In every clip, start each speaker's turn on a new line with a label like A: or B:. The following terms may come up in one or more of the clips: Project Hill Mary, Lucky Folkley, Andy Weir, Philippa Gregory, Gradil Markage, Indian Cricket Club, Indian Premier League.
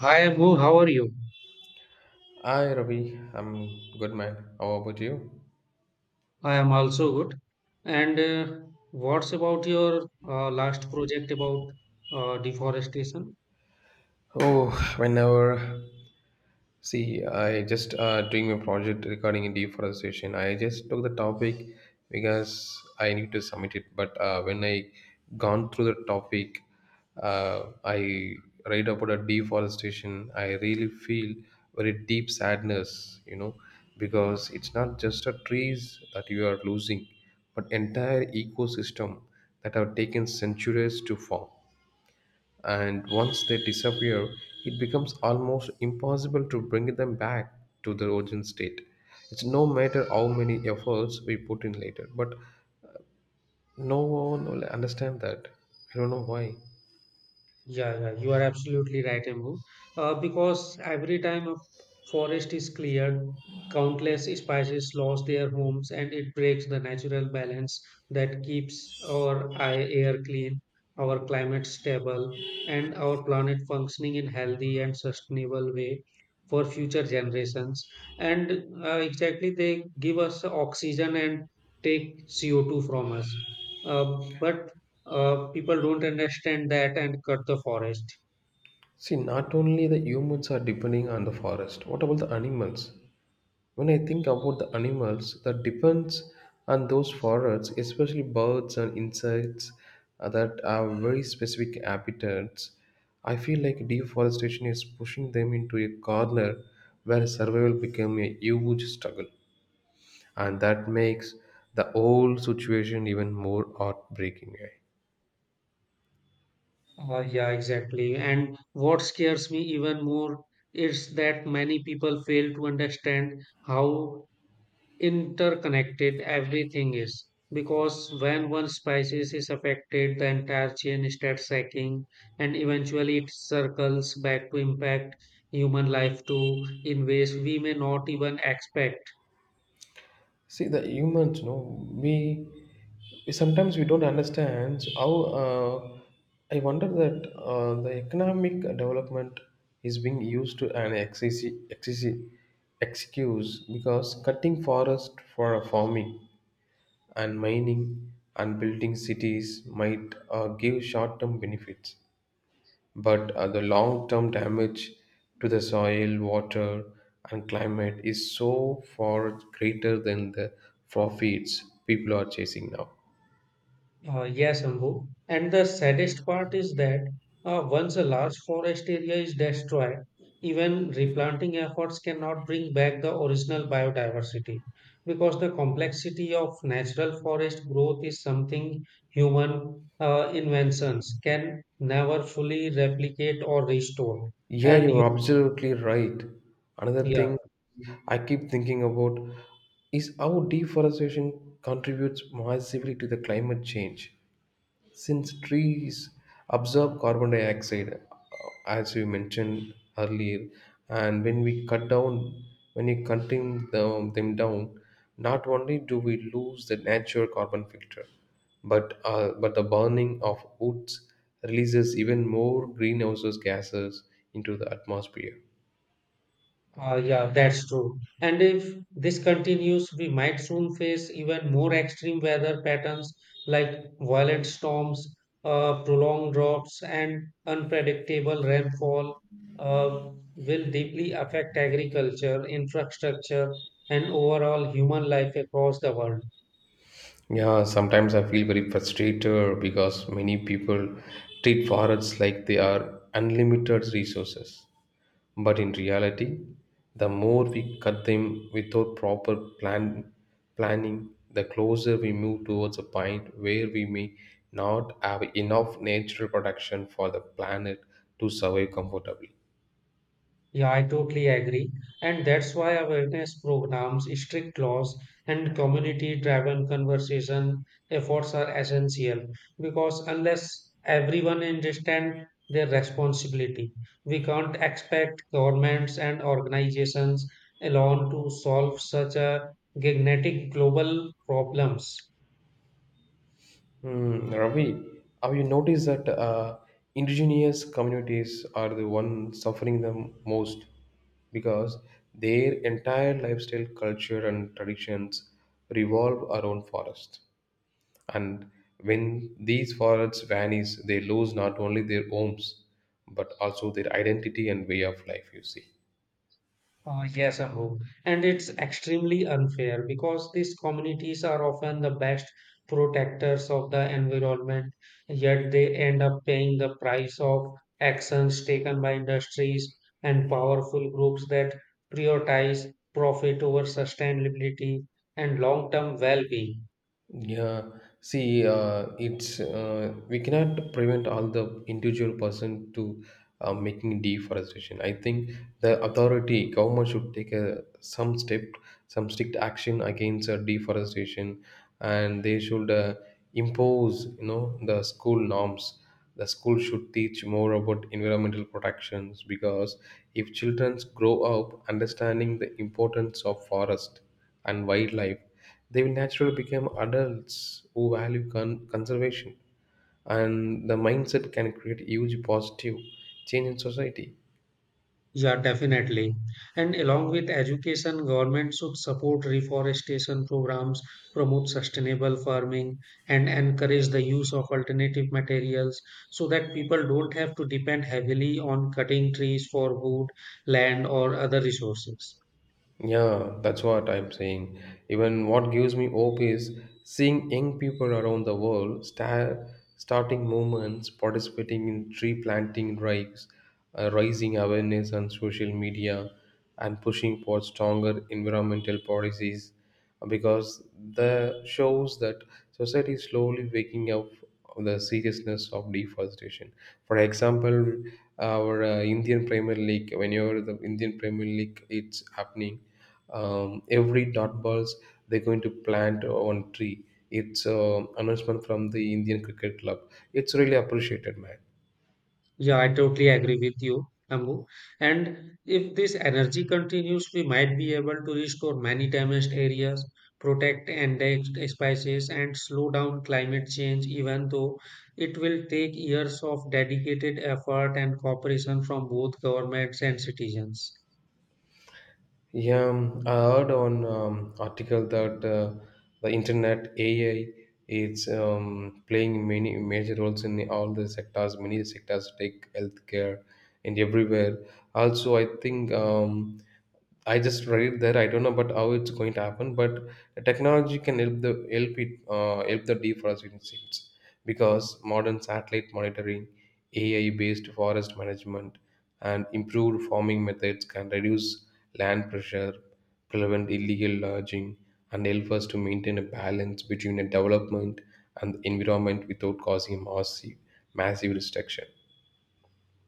A: Hi Abu, how are you?
B: Hi Ravi, I'm good man. How about you?
A: I am also good. And what's about your last project about deforestation?
B: Oh, whenever see, I just doing my project regarding deforestation. I just took the topic because I need to submit it. But when I gone through the topic, I read about a deforestation. I really feel very deep sadness, you know, because it's not just the trees that you are losing, but entire ecosystem that have taken centuries to form, and once they disappear, it becomes almost impossible to bring them back to the original state. It's no matter how many efforts we put in later, but no one will understand that. I don't know why.
A: Yeah, yeah, you are absolutely right, Embu. Because every time a forest is cleared, countless species lose their homes and it breaks the natural balance that keeps our air clean, our climate stable, and our planet functioning in healthy and sustainable way for future generations. And Exactly, they give us oxygen and take CO2 from us. Uh, but People don't understand that and cut the forest.
B: See, not only the humans are depending on the forest, what about the animals? When I think about the animals that depends on those forests, especially birds and insects that have very specific habitats, I feel like deforestation is pushing them into a corner where survival became a huge struggle, and that makes the whole situation even more heartbreaking.
A: Yeah, exactly. And what scares me even more is that many people fail to understand how interconnected everything is. Because when one species is affected, the entire chain starts sacking, and eventually it circles back to impact human life too in ways we may not even expect.
B: See the humans, no, we sometimes we don't understand how. Uh, I wonder that the economic development is being used to an excess, excess, excuse because cutting forest for farming and mining and building cities might give short-term benefits, but the long term damage to the soil, water, and climate is so far greater than the profits people are chasing now.
A: Yes, Ambu. And the saddest part is that once a large forest area is destroyed, even replanting efforts cannot bring back the original biodiversity because the complexity of natural forest growth is something human inventions can never fully replicate or restore.
B: Yeah,
A: And you,
B: you're absolutely right. Another
A: yeah.
B: thing I keep thinking about is how deforestation contributes massively to the climate change. Since trees absorb carbon dioxide, as you mentioned earlier, and when we cutting them, them down, not only do we lose the natural carbon filter, but the burning of woods releases even more greenhouse gases into the atmosphere.
A: Yeah, that's true. And if this continues, we might soon face even more extreme weather patterns like violent storms, prolonged droughts, and unpredictable rainfall uh, will deeply affect agriculture, infrastructure, and overall human life across the world.
B: Yeah, sometimes I feel very frustrated because many people treat forests like they are unlimited resources. But in reality, the more we cut them without proper planning, the closer we move towards a point where we may not have enough natural protection for the planet to survive comfortably.
A: Yeah, I totally agree. And that's why awareness programs, strict laws, and community driven conversation efforts are essential because unless everyone understands their responsibility, we can't expect governments and organizations alone to solve such a gigantic global problems.
B: Hmm, Ravi, have you noticed that indigenous communities are the ones suffering the most because their entire lifestyle, culture, and traditions revolve around forest? And when these forests vanish, they lose not only their homes, but also their identity and way of life, you see.
A: Yes, Abu. And it's extremely unfair because these communities are often the best protectors of the environment, yet they end up paying the price of actions taken by industries and powerful groups that prioritize profit over sustainability and long-term well-being.
B: Yeah, see, it's we cannot prevent all the individual person to making deforestation. I think the authority government should take a, some step, some strict action against deforestation, and they should impose, you know, the school norms. The school should teach more about environmental protections because if children grow up understanding the importance of forest and wildlife, they will naturally become adults who value conservation, and the mindset can create huge positive change in society.
A: Yeah, definitely. And along with education, government should support reforestation programs, promote sustainable farming, and encourage the use of alternative materials so that people don't have to depend heavily on cutting trees for wood, land, or other resources.
B: Yeah, that's what I'm saying. Even what gives me hope is seeing young people around the world starting movements, participating in tree planting drives, raising awareness on social media, and pushing for stronger environmental policies, because the shows that society is slowly waking up of the seriousness of deforestation. For example, our Indian Premier League, whenever the Indian Premier League it's happening, every dot balls they're going to plant one tree. It's announcement from the Indian Cricket Club. It's really appreciated, man.
A: Yeah, I totally agree with you, Ambu. And if this energy continues, we might be able to restore many damaged areas, protect endangered species, and slow down climate change, even though it will take years of dedicated effort and cooperation from both governments and citizens.
B: Yeah, I heard on article that the internet AI is playing many major roles in all the sectors, many sectors, tech, healthcare, and everywhere. Also, I think. I just read it there. I don't know about how it's going to happen, but technology can help the help it help the deforestation because modern satellite monitoring, AI-based forest management, and improved farming methods can reduce land pressure, prevent illegal lodging, and help us to maintain a balance between the development and the environment without causing massive restriction.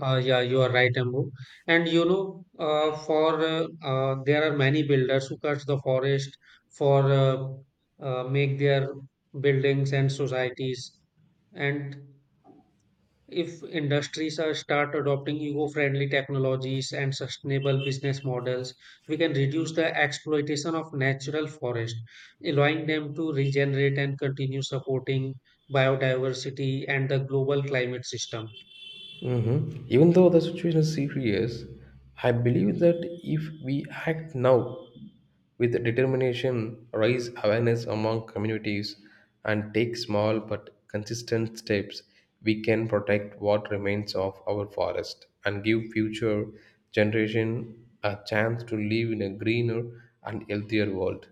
A: Yeah, you are right, Ambu. And you know, for there are many builders who cut the forest for make their buildings and societies. And if industries are start adopting eco-friendly technologies and sustainable business models, we can reduce the exploitation of natural forest, allowing them to regenerate and continue supporting biodiversity and the global climate system.
B: Mhm. Even though the situation is serious, I believe that if we act now with determination, raise awareness among communities, and take small but consistent steps, we can protect what remains of our forest and give future generation a chance to live in a greener and healthier world.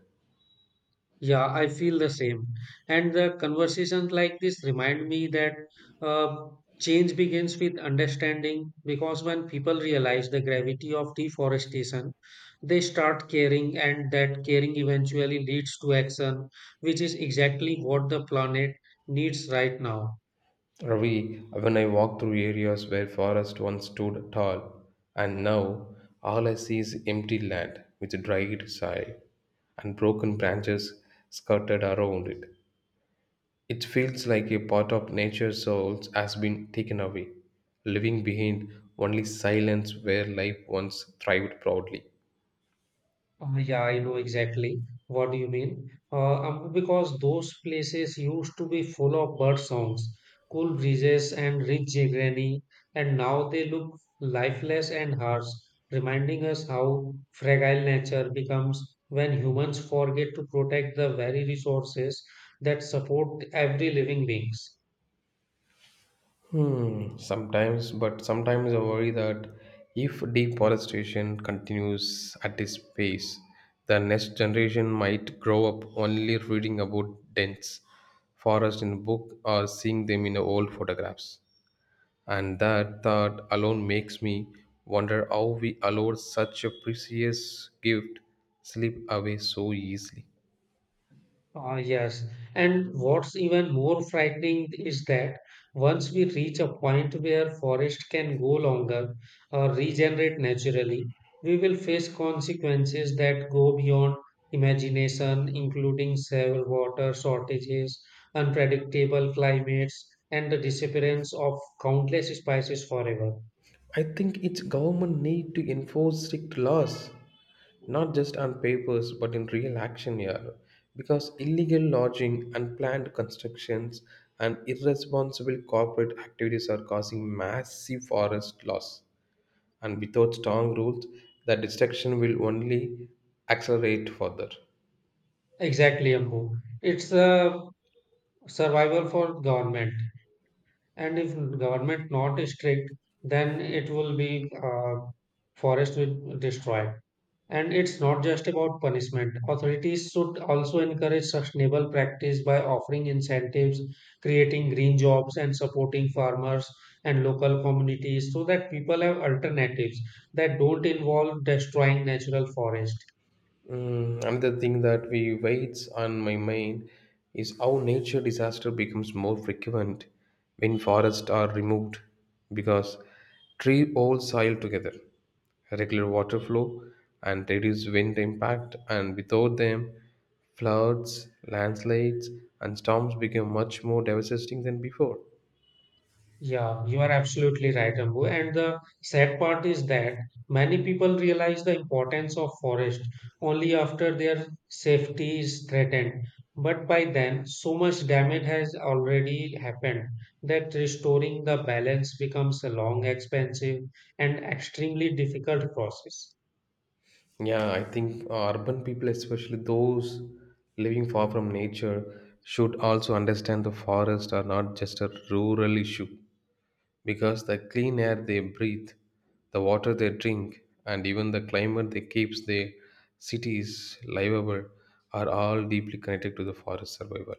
A: Yeah, I feel the same. And the conversations like this remind me that uh, change begins with understanding because when people realize the gravity of deforestation, they start caring, and that caring eventually leads to action, which is exactly what the planet needs right now.
B: Ravi, when I walk through areas where forest once stood tall, and now all I see is empty land with dried soil and broken branches scattered around it. It feels like a part of nature's soul has been taken away, leaving behind only silence where life once thrived proudly.
A: Yeah, I know exactly what you mean. Because those places used to be full of bird songs, cool breezes, and rich greenery, and now they look lifeless and harsh, reminding us how fragile nature becomes when humans forget to protect the very resources that support every living beings.
B: Hmm, sometimes, but sometimes I worry that if deforestation continues at this pace, the next generation might grow up only reading about dense forests in book or seeing them in old photographs. And that thought alone makes me wonder how we allowed such a precious gift slip away so easily.
A: Ah, yes. And what's even more frightening is that once we reach a point where forest can go longer or regenerate naturally, we will face consequences that go beyond imagination, including severe water shortages, unpredictable climates, and the disappearance of countless species forever.
B: I think its government need to enforce strict laws, not just on papers but in real action here. Because illegal lodging, unplanned constructions, and irresponsible corporate activities are causing massive forest loss. And without strong rules, the destruction will only accelerate further.
A: Exactly, Ambu. It's a survival for government. And if government not strict, then it will be forest will destroy. And it's not just about punishment. Authorities should also encourage sustainable practice by offering incentives, creating green jobs, and supporting farmers and local communities so that people have alternatives that don't involve destroying natural forest.
B: Mm, another thing that we weights on my mind is how nature disaster becomes more frequent when forests are removed, because tree hold soil together, regular water flow and reduce wind impact, and without them floods, landslides and storms become much more devastating than before.
A: Yeah, you are absolutely right, Ambu. And the sad part is that many people realize the importance of forest only after their safety is threatened. But by then, so much damage has already happened that restoring the balance becomes a long, expensive, and extremely difficult process.
B: Yeah, I think urban people, especially those living far from nature, should also understand the forests are not just a rural issue, because the clean air they breathe, the water they drink, and even the climate that keeps their cities livable are all deeply connected to the forest survival.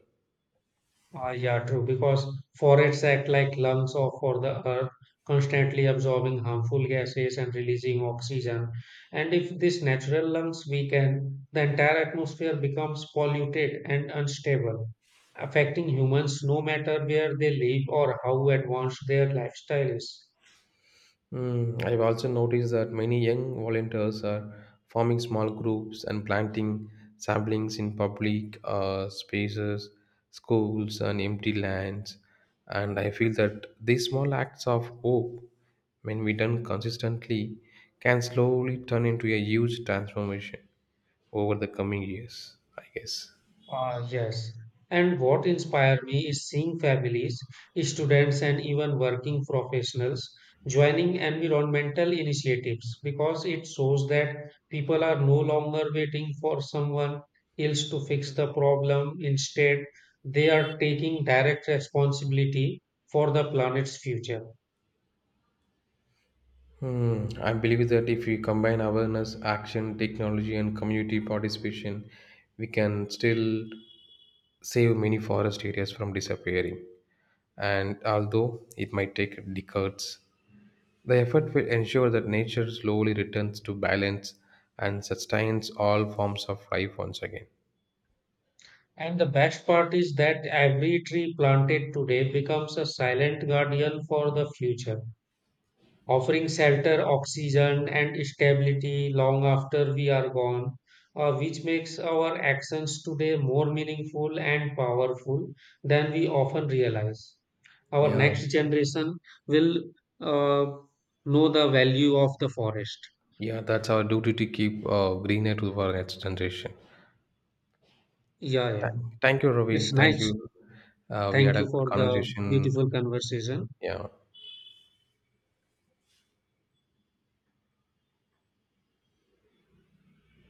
A: Ah, yeah, true. Because forests act like lungs of for the earth, constantly absorbing harmful gases and releasing oxygen. And if these natural lungs weaken, the entire atmosphere becomes polluted and unstable, affecting humans no matter where they live or how advanced their lifestyle is.
B: Mm, I've also noticed that many young volunteers are forming small groups and planting saplings in public spaces, schools, and empty lands. And I feel that these small acts of hope, when we done consistently, can slowly turn into a huge transformation over the coming years, I guess.
A: Ah, yes. And what inspired me is seeing families, students, and even working professionals joining environmental initiatives because it shows that people are no longer waiting for someone else to fix the problem. Instead, they are taking direct responsibility for the planet's future.
B: Hmm. I believe that if we combine awareness, action, technology, and community participation, we can still save many forest areas from disappearing. And although it might take decades, the effort will ensure that nature slowly returns to balance and sustains all forms of life once again.
A: And the best part is that every tree planted today becomes a silent guardian for the future offering shelter, oxygen, and stability long after we are gone, which makes our actions today more meaningful and powerful than we often realize. Our
B: Yeah,
A: next generation will uh, know the value of the forest.
B: yeah, that's our duty to keep greener to our next generation.
A: Yeah, yeah.
B: Thank, thank you,
A: It's
B: Ravi. Thank
A: nice.
B: you. We
A: Thank
B: had a
A: you
B: good
A: for the
B: conversation.
A: beautiful conversation.
B: Yeah.